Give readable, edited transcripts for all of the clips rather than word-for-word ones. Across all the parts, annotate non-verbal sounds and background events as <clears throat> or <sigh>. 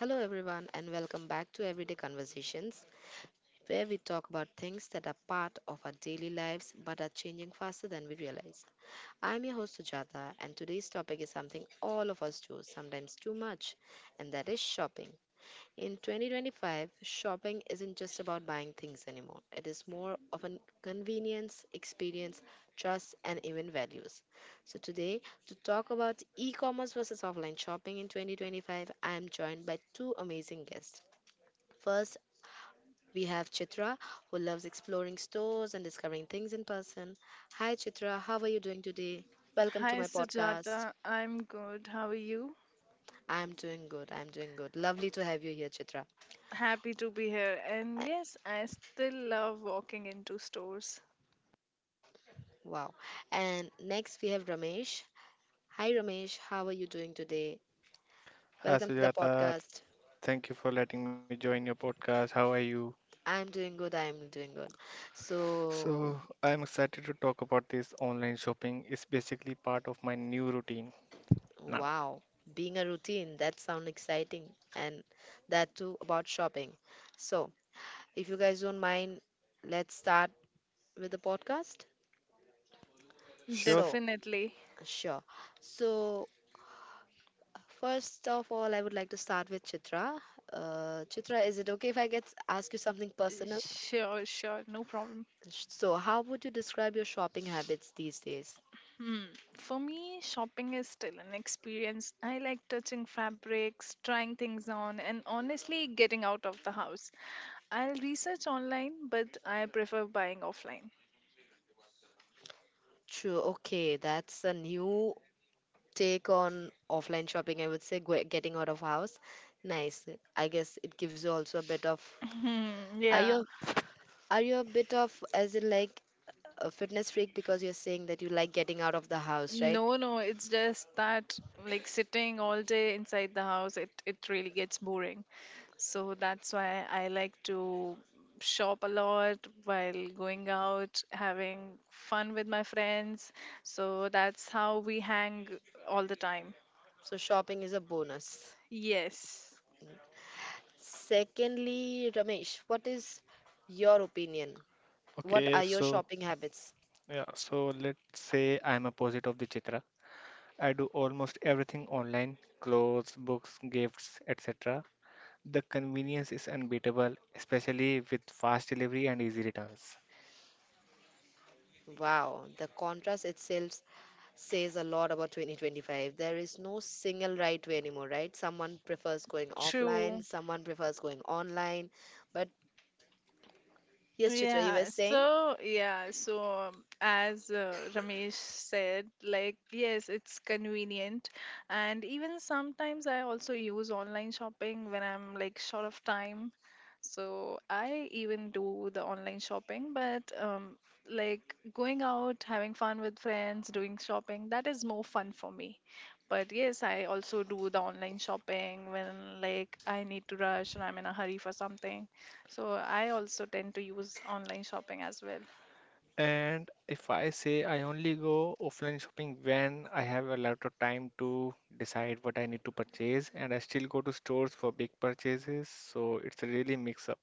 Hello, everyone, and welcome back to Everyday Conversations, where we talk about things that are part of our daily lives but are changing faster than we realize. I'm your host, Sujata, and today's topic is something all of us do, sometimes too much, and that is shopping. In 2025, shopping isn't just about buying things anymore, it is more of a convenience, experience, trust, and even values. So, today, to talk about e commerce versus offline shopping in 2025, I am joined by two amazing guests. First, we have Chitra, who loves exploring stores and discovering things in person. Hi, Chitra, how are you doing today? Welcome to Hi my podcast. Sujata, I'm good. How are you? I'm doing good. I'm doing good. Lovely to have you here, Chitra. Happy to be here. And Uh, yes, I still love walking into stores. Wow. And next, we have Ramesh. Hi, Ramesh, how are you doing today? Hi Welcome to the Sujata, podcast. thank you for letting me join your podcast. How are you? I'm doing good. I'm doing good. So, So, I'm excited to talk about this online shopping. It's basically part of my new routine now. wow. Being a routine, that sounds exciting. And that too about shopping. So, if you guys don't mind, let's start with the podcast? Sure. So, Definitely. sure. So, first of all, I would like to start with Chitra. Chitra, is it okay if I get ask you something personal? Sure, sure, no problem. So, how would you describe your shopping habits these days? Hmm. For me, shopping is still an experience. I like touching fabrics, trying things on, and honestly getting out of the house. I'll research online, but I prefer buying offline. True. Okay, that's a new take on offline shopping. I would say getting out of house. Nice. I guess it gives you also a bit of. <laughs> Hmm, Are yeah. you a- are you a bit of as in like a fitness freak because you're saying that you like getting out of the house, right? No, no, it's just that sitting all day inside the house, it really gets boring. So that's why I like to shop a lot while going out, having fun with my friends. So that's how we hang all the time. So shopping is a bonus. Yes, Secondly, Ramesh, what is your opinion? What Okay, are your so shopping habits? yeah, so let's say I'm opposite of the Chitra. I do almost everything online, clothes, books, gifts, etc. The convenience is unbeatable, especially with fast delivery and easy returns. Wow, the contrast itself says a lot about 2025. There is no single right way anymore, right? Someone prefers going offline, true. someone prefers going online. But yes, Chitra, you were Yeah, saying? so yeah, so um, as uh, Ramesh said, like yes, it's convenient, and even sometimes I also use online shopping when I'm like short of time. So I even do the online shopping, but like going out, having fun with friends, doing shopping, that is more fun for me. But yes, I also do the online shopping when like I need to rush or I'm in a hurry for something. So I also tend to use online shopping as well. And if I say I only go offline shopping when I have a lot of time to decide what I need to purchase, and I still go to stores for big purchases, so it's a really mix up.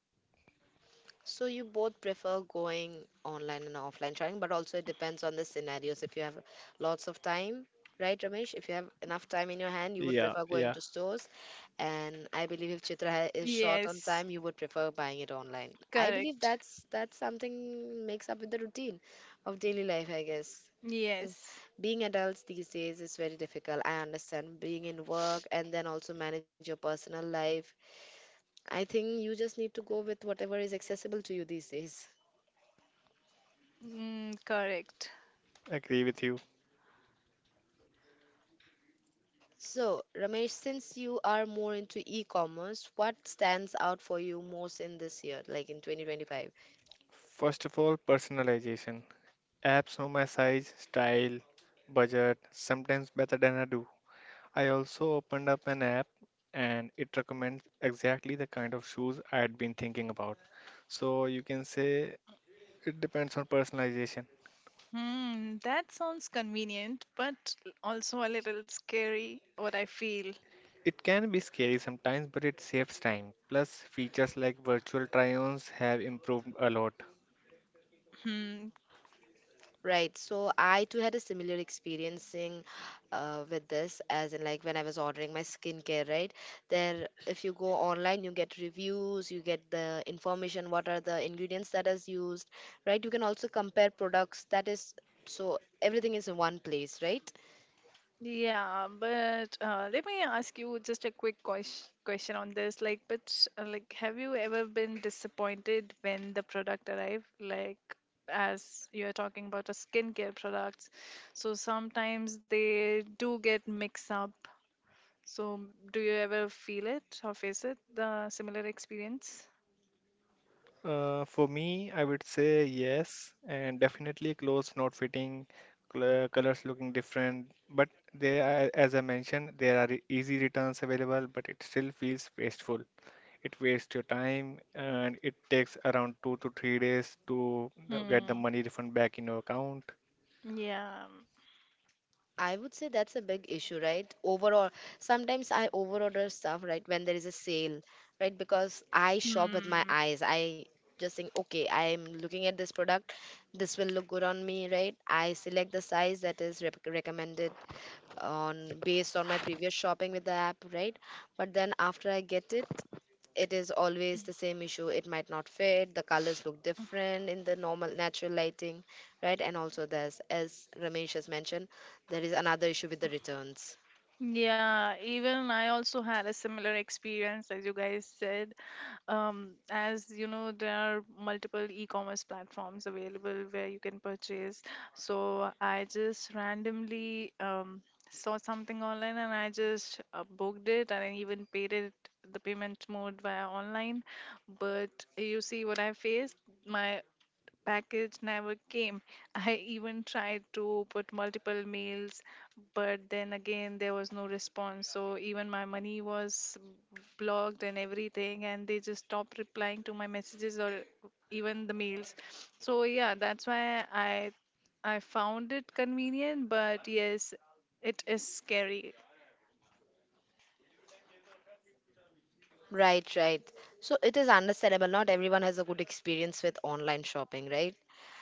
So you both prefer going online and offline shopping, but also it depends on the scenarios. If you have lots of time, right, Ramesh? If you have enough time in your hand, you would Yeah, prefer going yeah, to stores. And I believe if is short on Yes, time, you would prefer buying it online. I believe correct. that's something makes up with the routine of daily life, I guess. Uh, Yes, Being adults these days is very difficult. I understand being in work and then also manage your personal life. I think you just need to go with whatever is accessible to you these days. mm, correct. agree with you. So, Ramesh, since you are more into e commerce, what stands out for you most in this year, like in 2025? First of all, personalization. Apps know my size, style, budget, sometimes better than I do. I also opened up an app and it recommends exactly the kind of shoes I had been thinking about. So you can say it depends on personalization. Hmm, that sounds convenient, but also a little scary, what I feel. It can be scary sometimes, but it saves time. Plus, features like virtual try-ons have improved a lot. Hmm. Right. So, I too had a similar experiencing with this, as in, like, when I was ordering my skincare, right? There, if you go online, you get reviews, you get the information, what are the ingredients that is used, right? You can also compare products. That is, so everything is in one place, right? Yeah, but let me ask you just a quick question on this. Like, have you ever been disappointed when the product arrived? Like, as you are talking about a skincare products, so sometimes they do get mixed up. So, do you ever feel it or face it the similar experience? For me, I would say yes, and definitely clothes not fitting, cl colors looking different. But they are, as I mentioned, there are easy returns available, but it still feels wasteful. It wastes your time, and it takes around 2 to 3 days to get the Hmm. money refund back in your account. Yeah. I would say that's a big issue, right? Overall, sometimes I overorder stuff, right, when there is a sale, right? Because I shop with my Hmm. eyes. I just think, okay, I'm looking at this product. This will look good on me, right? I select the size that is recommended on based on my previous shopping with the app, right? But then after I get it, it is always the same issue. It might not fit, the colors look different in the normal natural lighting, right? And also there's, as Ramesh has mentioned, there is another issue with the returns. Yeah, even I also had a similar experience as you guys said. As you know, there are multiple e-commerce platforms available where you can purchase. So I just randomly saw something online and I just booked it, and I even paid it. The payment mode via online. But you see what I faced. My package never came. I even tried to put multiple mails, but then again, there was no response. So even my money was blocked and everything, and they just stopped replying to my messages or even the mails. So yeah, that's why I found it convenient, but yes, it is scary. Right, right, so it is understandable, not everyone has a good experience with online shopping, right?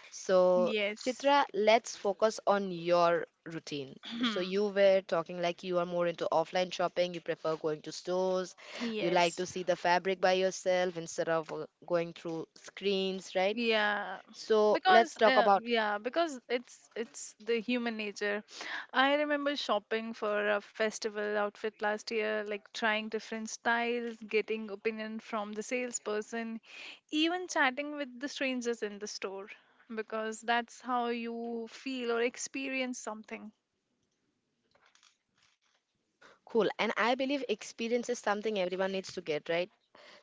So Yes. Chitra, let's focus on your routine. So you <clears throat> were talking like you are more into offline shopping, you prefer going to stores, you like Yes. to see the fabric by yourself instead of going through screens, right? Yeah, So let's because talk uh, about yeah, because it's the human nature. I remember shopping for a festival outfit last year, like trying different styles, getting opinion from the salesperson, even chatting with the strangers in the store, because that's how you feel or experience something. cool. And I believe experience is something everyone needs to get, right?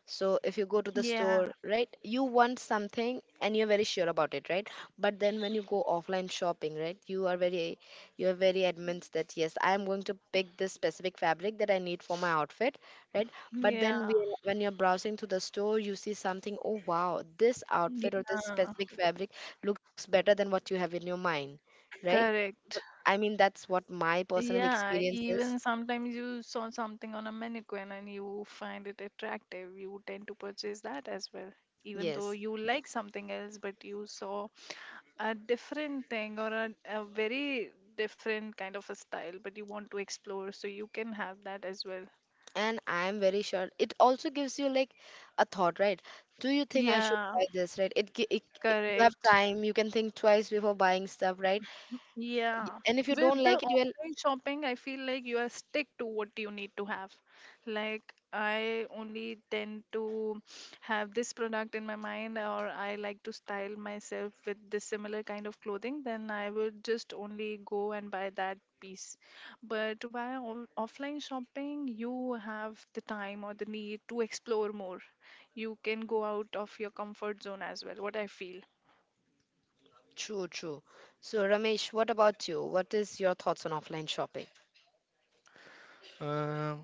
So if you go to the Yeah, store, right, you want something and you're very sure about it, right? But then when you go offline shopping, right, you are very adamant that yes, I am going to pick this specific fabric that I need for my outfit, right? But then we, yeah, when you're browsing through the store, you see something, oh wow, this outfit or this yeah, specific fabric looks better than what you have in your mind, right? But, correct. I mean, that's what my personal Yeah, experience is. even sometimes you saw something on a mannequin and you find it attractive, you tend to purchase that as well. Even though Yes. you like something else, but you saw a different thing or a very different kind of a style, but you want to explore, so you can have that as well. And I'm very sure it also gives you like a thought, right? Do you think I should Yeah, buy this, right? It, you have correct. time, you can think twice before buying stuff, right? Yeah, And if you with don't the like it, well, online shopping, I feel like you are stick to what you need to have. Like, I only tend to have this product in my mind, or I like to style myself with this similar kind of clothing, then I would just only go and buy that piece. But via offline shopping, you have the time or the need to explore more. You can go out of your comfort zone as well, what I feel. true, true. So Ramesh, what about you? What is your thoughts on offline shopping? Um,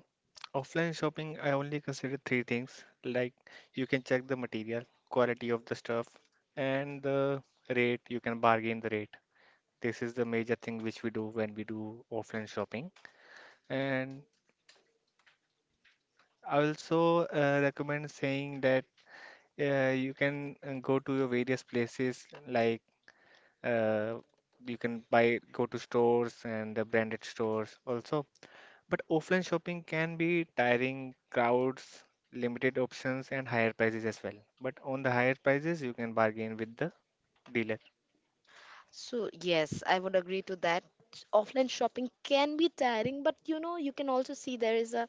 Offline shopping, I only consider three things. Like you can check the material, quality of the stuff, and the rate. You can bargain the rate. This is the major thing which we do when we do offline shopping. And I also recommend saying that you can go to your various places like uh, you can buy go to stores and the branded stores also. But offline shopping can be tiring, crowds, limited options, and higher prices as well. But on the higher prices, you can bargain with the dealer. So yes, I would agree to that. Offline shopping can be tiring, but you know, you can also see there is a,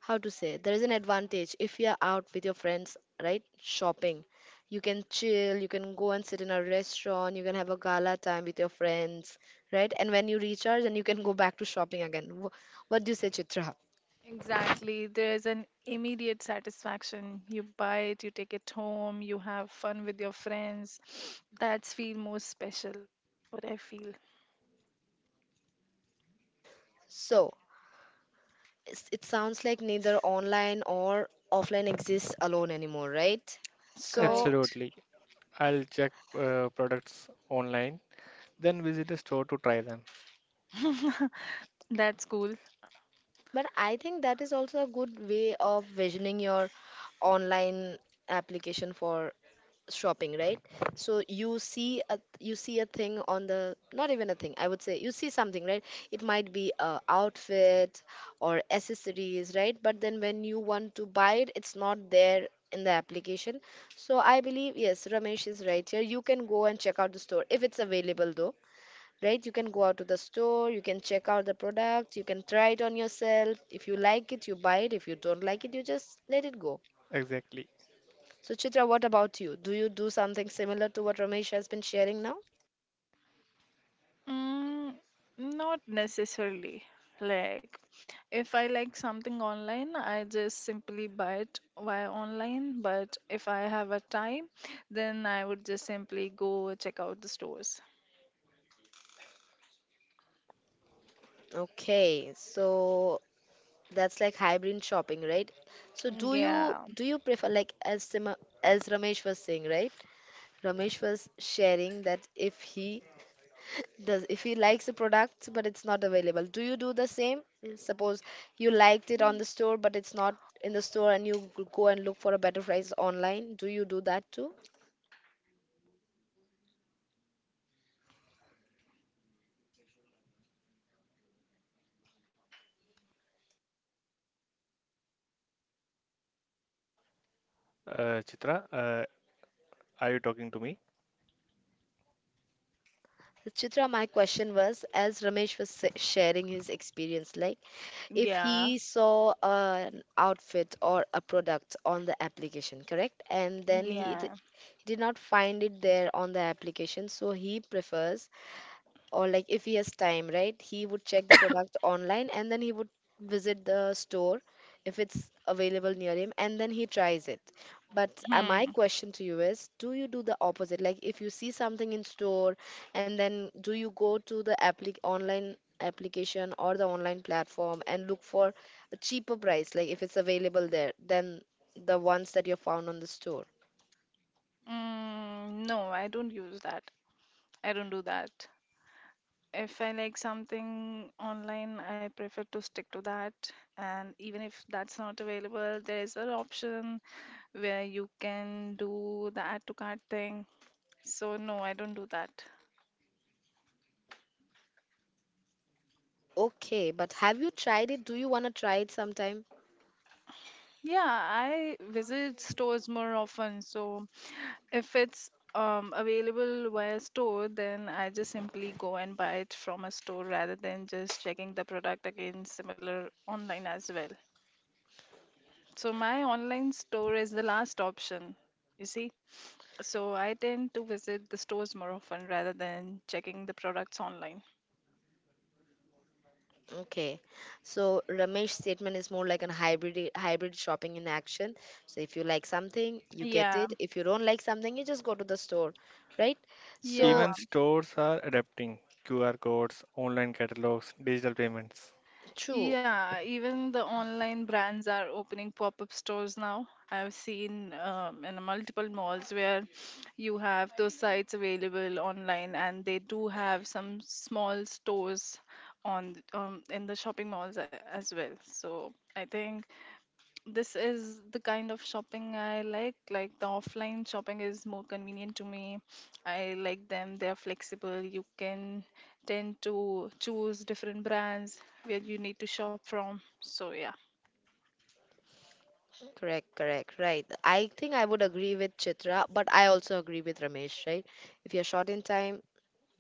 how to say, there is an advantage if you're out with your friends, right? Shopping, you can chill, you can go and sit in a restaurant, you can have a gala time with your friends, right? And when you recharge, and you can go back to shopping again. What do you say, Chitra? Exactly. There's an immediate satisfaction. You buy it, you take it home, you have fun with your friends. <sniffs> That's feel most special. What I feel. So it's, it sounds like neither online or offline exists alone anymore, right? So Correct. Absolutely. I'll check products online. Then visit a store to try them. <laughs> That's cool. but I think that is also a good way of visioning your online application for shopping, right? So you see a, you see a thing on the not even a thing, I would say you see something, right? It might be a outfit or accessories, right? But then when you want to buy it, it's not there in the application. So I believe yes, Ramesh is right here, you can go and check out the store if it's available, though, right? You can go out to the store, you can check out the product, you can try it on yourself, if you like it you buy it, if you don't like it you just let it go. Exactly. So, Chitra, what about you? Do you do something similar to what Ramesh has been sharing now? Mm, not necessarily. Like, if I like something online, I just simply buy it via online. But if I have a time, then I would just simply go check out the stores. Okay, so that's like hybrid shopping, right? So, Yeah, do you prefer like as Sima, as Ramesh was saying, right? Ramesh was sharing that if he likes the product but it's not available, do you do the same? Suppose you liked it on the store but it's not in the store and you go and look for a better price online, do you do that too? Chitra, are you talking to me? Chitra, my question was as Ramesh was sharing his experience, like if yeah, he saw an outfit or a product on the application, correct? And then yeah. did not find it there on the application, so he prefers, or like if he has time, right, he would check the product online and then he would visit the store if it's available near him and then he tries it. But my Hmm. question to you is do you do the opposite, like if you see something in store and then do you go to the applic online application or the online platform and look for a cheaper price like if it's available there than the ones that you found on the store. Mm, no, I don't use that. I don't do that. If I like something online, I prefer to stick to that. And even if that's not available, there is an option where you can do the add to cart thing. So, no, I don't do that. Okay, but have you tried it? Do you want to try it sometime? Yeah, I visit stores more often. So if it's available via store, then I just simply go and buy it from a store rather than just checking the product again similar online as well. So my online store is the last option, you see. So I tend to visit the stores more often rather than checking the products online. Okay, so Ramesh's statement is more like a hybrid shopping in action. So if you like something, you get Yeah, it. If you don't like something, you just go to the store, right? So Even yeah. stores are adapting QR codes, online catalogs, digital payments. true, Yeah, even the online brands are opening pop-up stores now. I've seen in multiple malls where you have those sites available online, and they do have some small stores on in the shopping malls as well. So I think this is the kind of shopping I like. Like the offline shopping is more convenient to me. I like them. They are flexible. You can tend to choose different brands where you need to shop from. So yeah, correct, right. I think I would agree with Chitra, but I also agree with Ramesh, right? If you're short in time,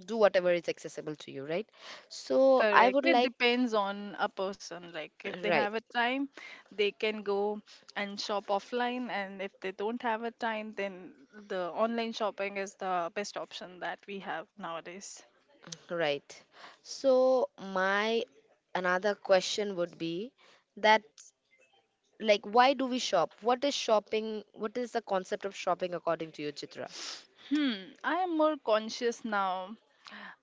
do whatever is accessible to you, right? So I correct. would It like, depends on a person. Like if they have right, a time, they can go and shop offline, and if they don't have a time, then the online shopping is the best option that we have nowadays. right. So my another question would be that. Like why do we shop, what is shopping, what is the concept of shopping according to you, Chitra? Hmm, I am more conscious now.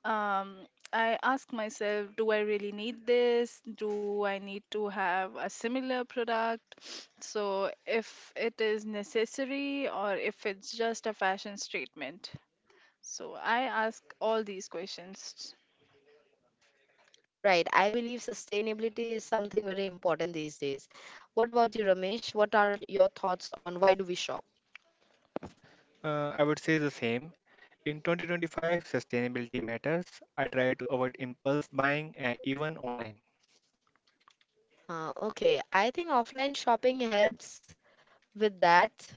um I ask myself, do I really need this? Do I need to have a similar product? <sniffs> So if it is necessary or if it's just a fashion statement. So I ask all these questions. Right, I believe sustainability is something very important these days. What about you, Ramesh? What are your thoughts on why do we shop? I would say the same. In 2025, sustainability matters. I try to avoid impulse buying, even online. Okay, I think offline shopping helps with that,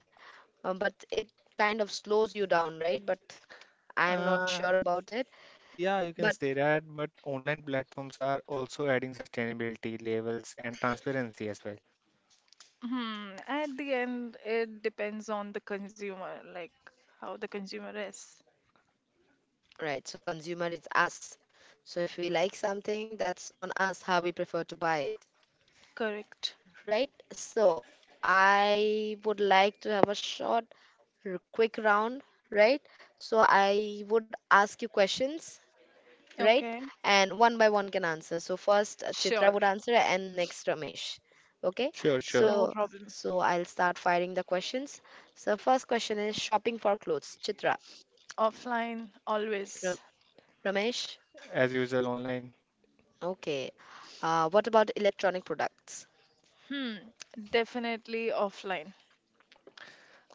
but it kind of slows you down, right? But I am not sure Uh, about it. yeah, But you can say that, but online platforms are also adding sustainability labels and transparency as well. Hmm, at the end it depends on the consumer, like how the consumer is. right, so consumer is us, so if we like something, that's on us, how we prefer to buy it, Correct. right? So I would like to have a short, quick round, right? So I would ask you questions, right? Okay, And one by one can answer. So first Chitra sure, would answer and next Ramesh. Okay? Sure, sure. no So problem. so I'll start firing the questions. So first question is shopping for clothes. Chitra, Offline Ram- always. Ramesh. As usual, online. Okay. What about electronic products? Hmm, definitely offline.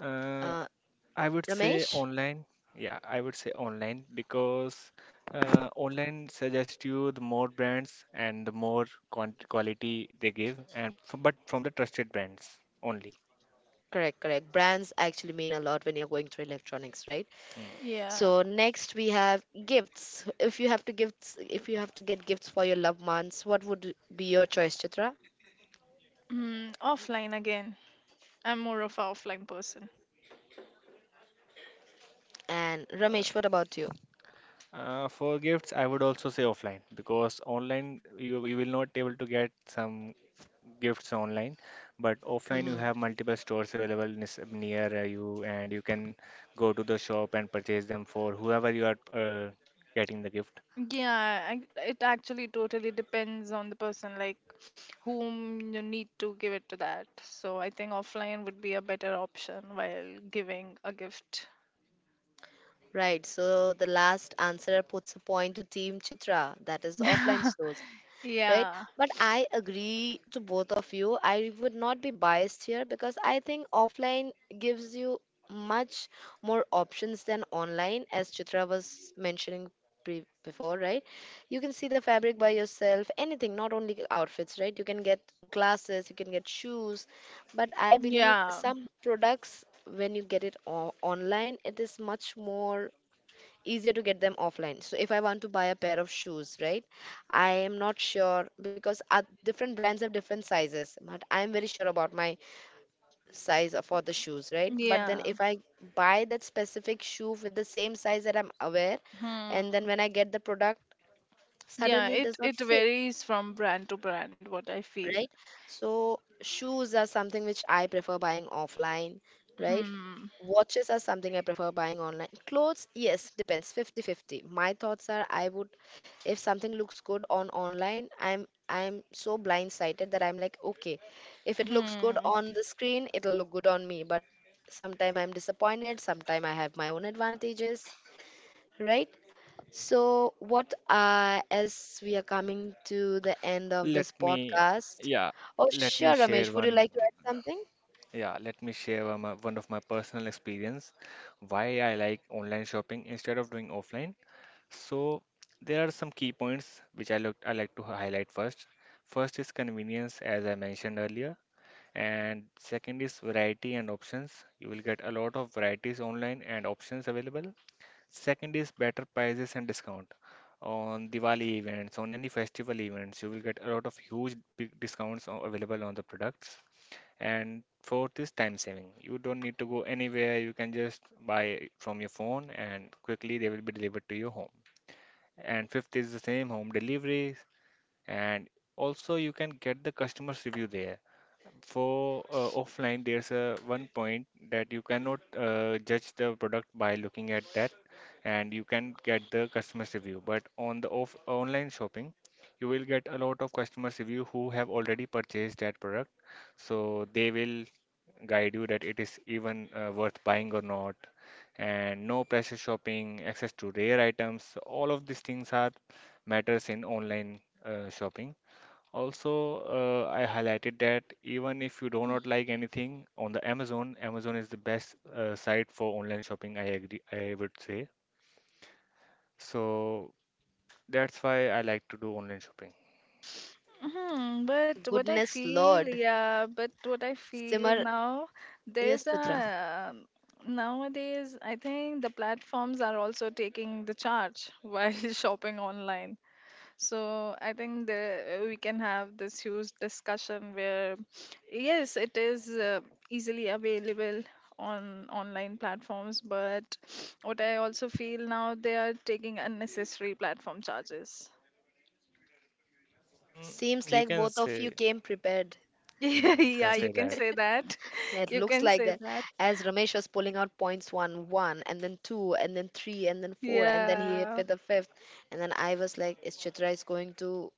Uh, Uh, I would say Ramesh? online. Yeah, I would say online because online suggests you the more brands and the more quant quality they give, and f but from the trusted brands only. Correct, correct. Brands actually mean a lot when you're going through electronics, right? Mm. Yeah. So next we have gifts. If you have to gifts, if you have to get gifts for your loved ones, what would be your choice, Chitra? Mm, offline again. I'm more of a offline person. And Ramesh, what about you? For gifts, I would also say offline because online you will not able to get some gifts online, but offline you Hmm. have multiple stores available near you and you can go to the shop and purchase them for whoever you are getting the gift. Yeah, I, it actually totally depends on the person, like whom you need to give it to that. So I think offline would be a better option while giving a gift. Right. So the last answer puts a point to Team Chitra. That is offline <laughs> stores. Right, Yeah, but I agree to both of you, I would not be biased here because I think offline gives you much more options than online, as Chitra was mentioning before, right? You can see the fabric by yourself, anything, not only outfits, right? You can get glasses, you can get shoes. But I believe yeah, some products, when you get it online, it is much more easier to get them offline. So if I want to buy a pair of shoes, right? I am not sure because different brands have different sizes, but I am very sure about my size for the shoes, right? But then yeah. if I buy that specific shoe with the same size that I'm aware, and then Hmm. when I get the product, Yeah, suddenly it it does not it fit. varies from brand to brand, what I feel. Right? So shoes are something which I prefer buying offline, right? Hmm. Watches are something I prefer buying online. Clothes, yes, depends 50-50. My thoughts are I would, if something looks good on online, I'm so blindsided that I'm like, okay, if it looks good Hmm. on the screen, it'll look good on me, but sometime I'm disappointed, sometime I have my own advantages, right? So, what as we are coming to the end of Let this me, podcast? yeah, Oh, let me sure, share Ramesh. Would you one. like to add something? Yeah, Let me share one, one of my personal experience why I like online shopping instead of doing offline. So there are some key points which I like to highlight first. First is convenience, as I mentioned earlier, and second is variety and options. You will get a lot of varieties online and options available. Second is better prices and discount. On Diwali events, on any festival events, you will get a lot of huge big discounts available on the products. And fourth is time saving. You don't need to go anywhere. You can just buy from your phone and quickly they will be delivered to your home, and fifth is the same home delivery, and also you can get the customers review there. For offline, there's a one point that you cannot judge the product by looking at that, and you can get the customer's review. But on the off online shopping, you will get a lot of customers review who have already purchased that product, so they will guide you that it is even worth buying or not. And no pressure shopping, access to rare items, all of these things are matters in online shopping. Also, I highlighted that even if you do not like anything on the Amazon, Amazon is the best site for online shopping, I agree, I would say. So that's why I like to do online shopping. Hmm, but what I Goodness feel, Lord, yeah, but what I feel Simar, now, there's yes, Chitra. a nowadays, I think the platforms are also taking the charge while <laughs> shopping online. So I think the we can have this huge discussion where, yes, it is easily available on online platforms, but what I also feel now, they are taking unnecessary platform charges. Mm, Seems you like can both of you say, came prepared. <laughs> You can Yeah, you say can that. say that. <laughs> It You looks can like say that. that. As Ramesh was pulling out points one, and then two, and then three, and then four, and then he hit Yeah. with the fifth. And then I was like, is Chitra is going to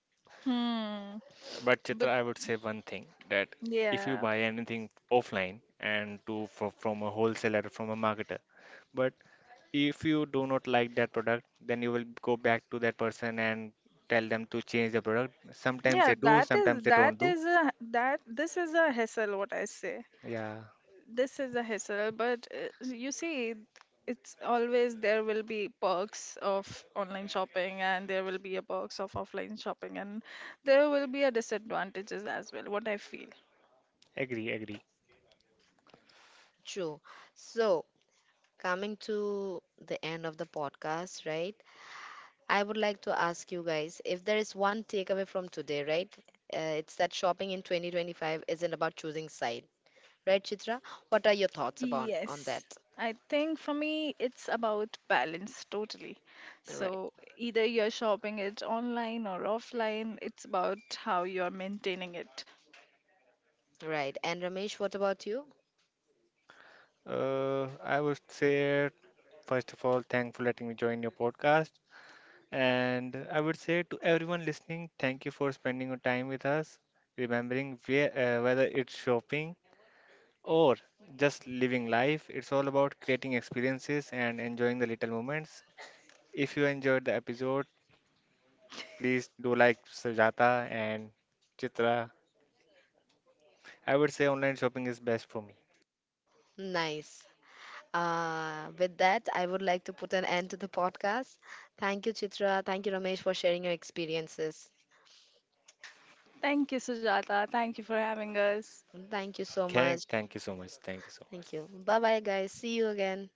Hmm. But Chitra, But I would say one thing that if you yeah, buy anything offline and from a wholesaler, from a marketer, but if you do not like that product, then you will go back to that person and tell them to change the product. Sometimes yeah. they do, That is sometimes they that don't do. is a that this is a hassle. What I say. Yeah, This is a hassle. But you see, it's always there will be perks of online shopping, and there will be a perks of offline shopping, and there will be a disadvantages as well. What I feel. agree, agree. chew. So, coming to the end of the podcast, right? I would like to ask you guys if there is one takeaway from today, right? It's that shopping in 2025 isn't about choosing side, right, Chitra? What are your thoughts about on Yes. that? I think for me, it's about balance totally. Right, So either you're shopping it online or offline, it's about how you're maintaining it. right. And Ramesh, what about you? I would say, first of all, thankful letting me join your podcast, and I would say to everyone listening, thank you for spending your time with us, remembering where, whether it's shopping or just living life, it's all about creating experiences and enjoying the little moments. If you enjoyed the episode, please do like Sujata and Chitra. I would say online shopping is best for me. Nice. With that, I would like to put an end to the podcast. Thank you, Chitra. Thank you, Ramesh, for sharing your experiences. Thank you, Sujata. Thank you for having us. Thank you so much. Thank you so much. Thank you so much. Thank you. Bye bye, guys. See you again.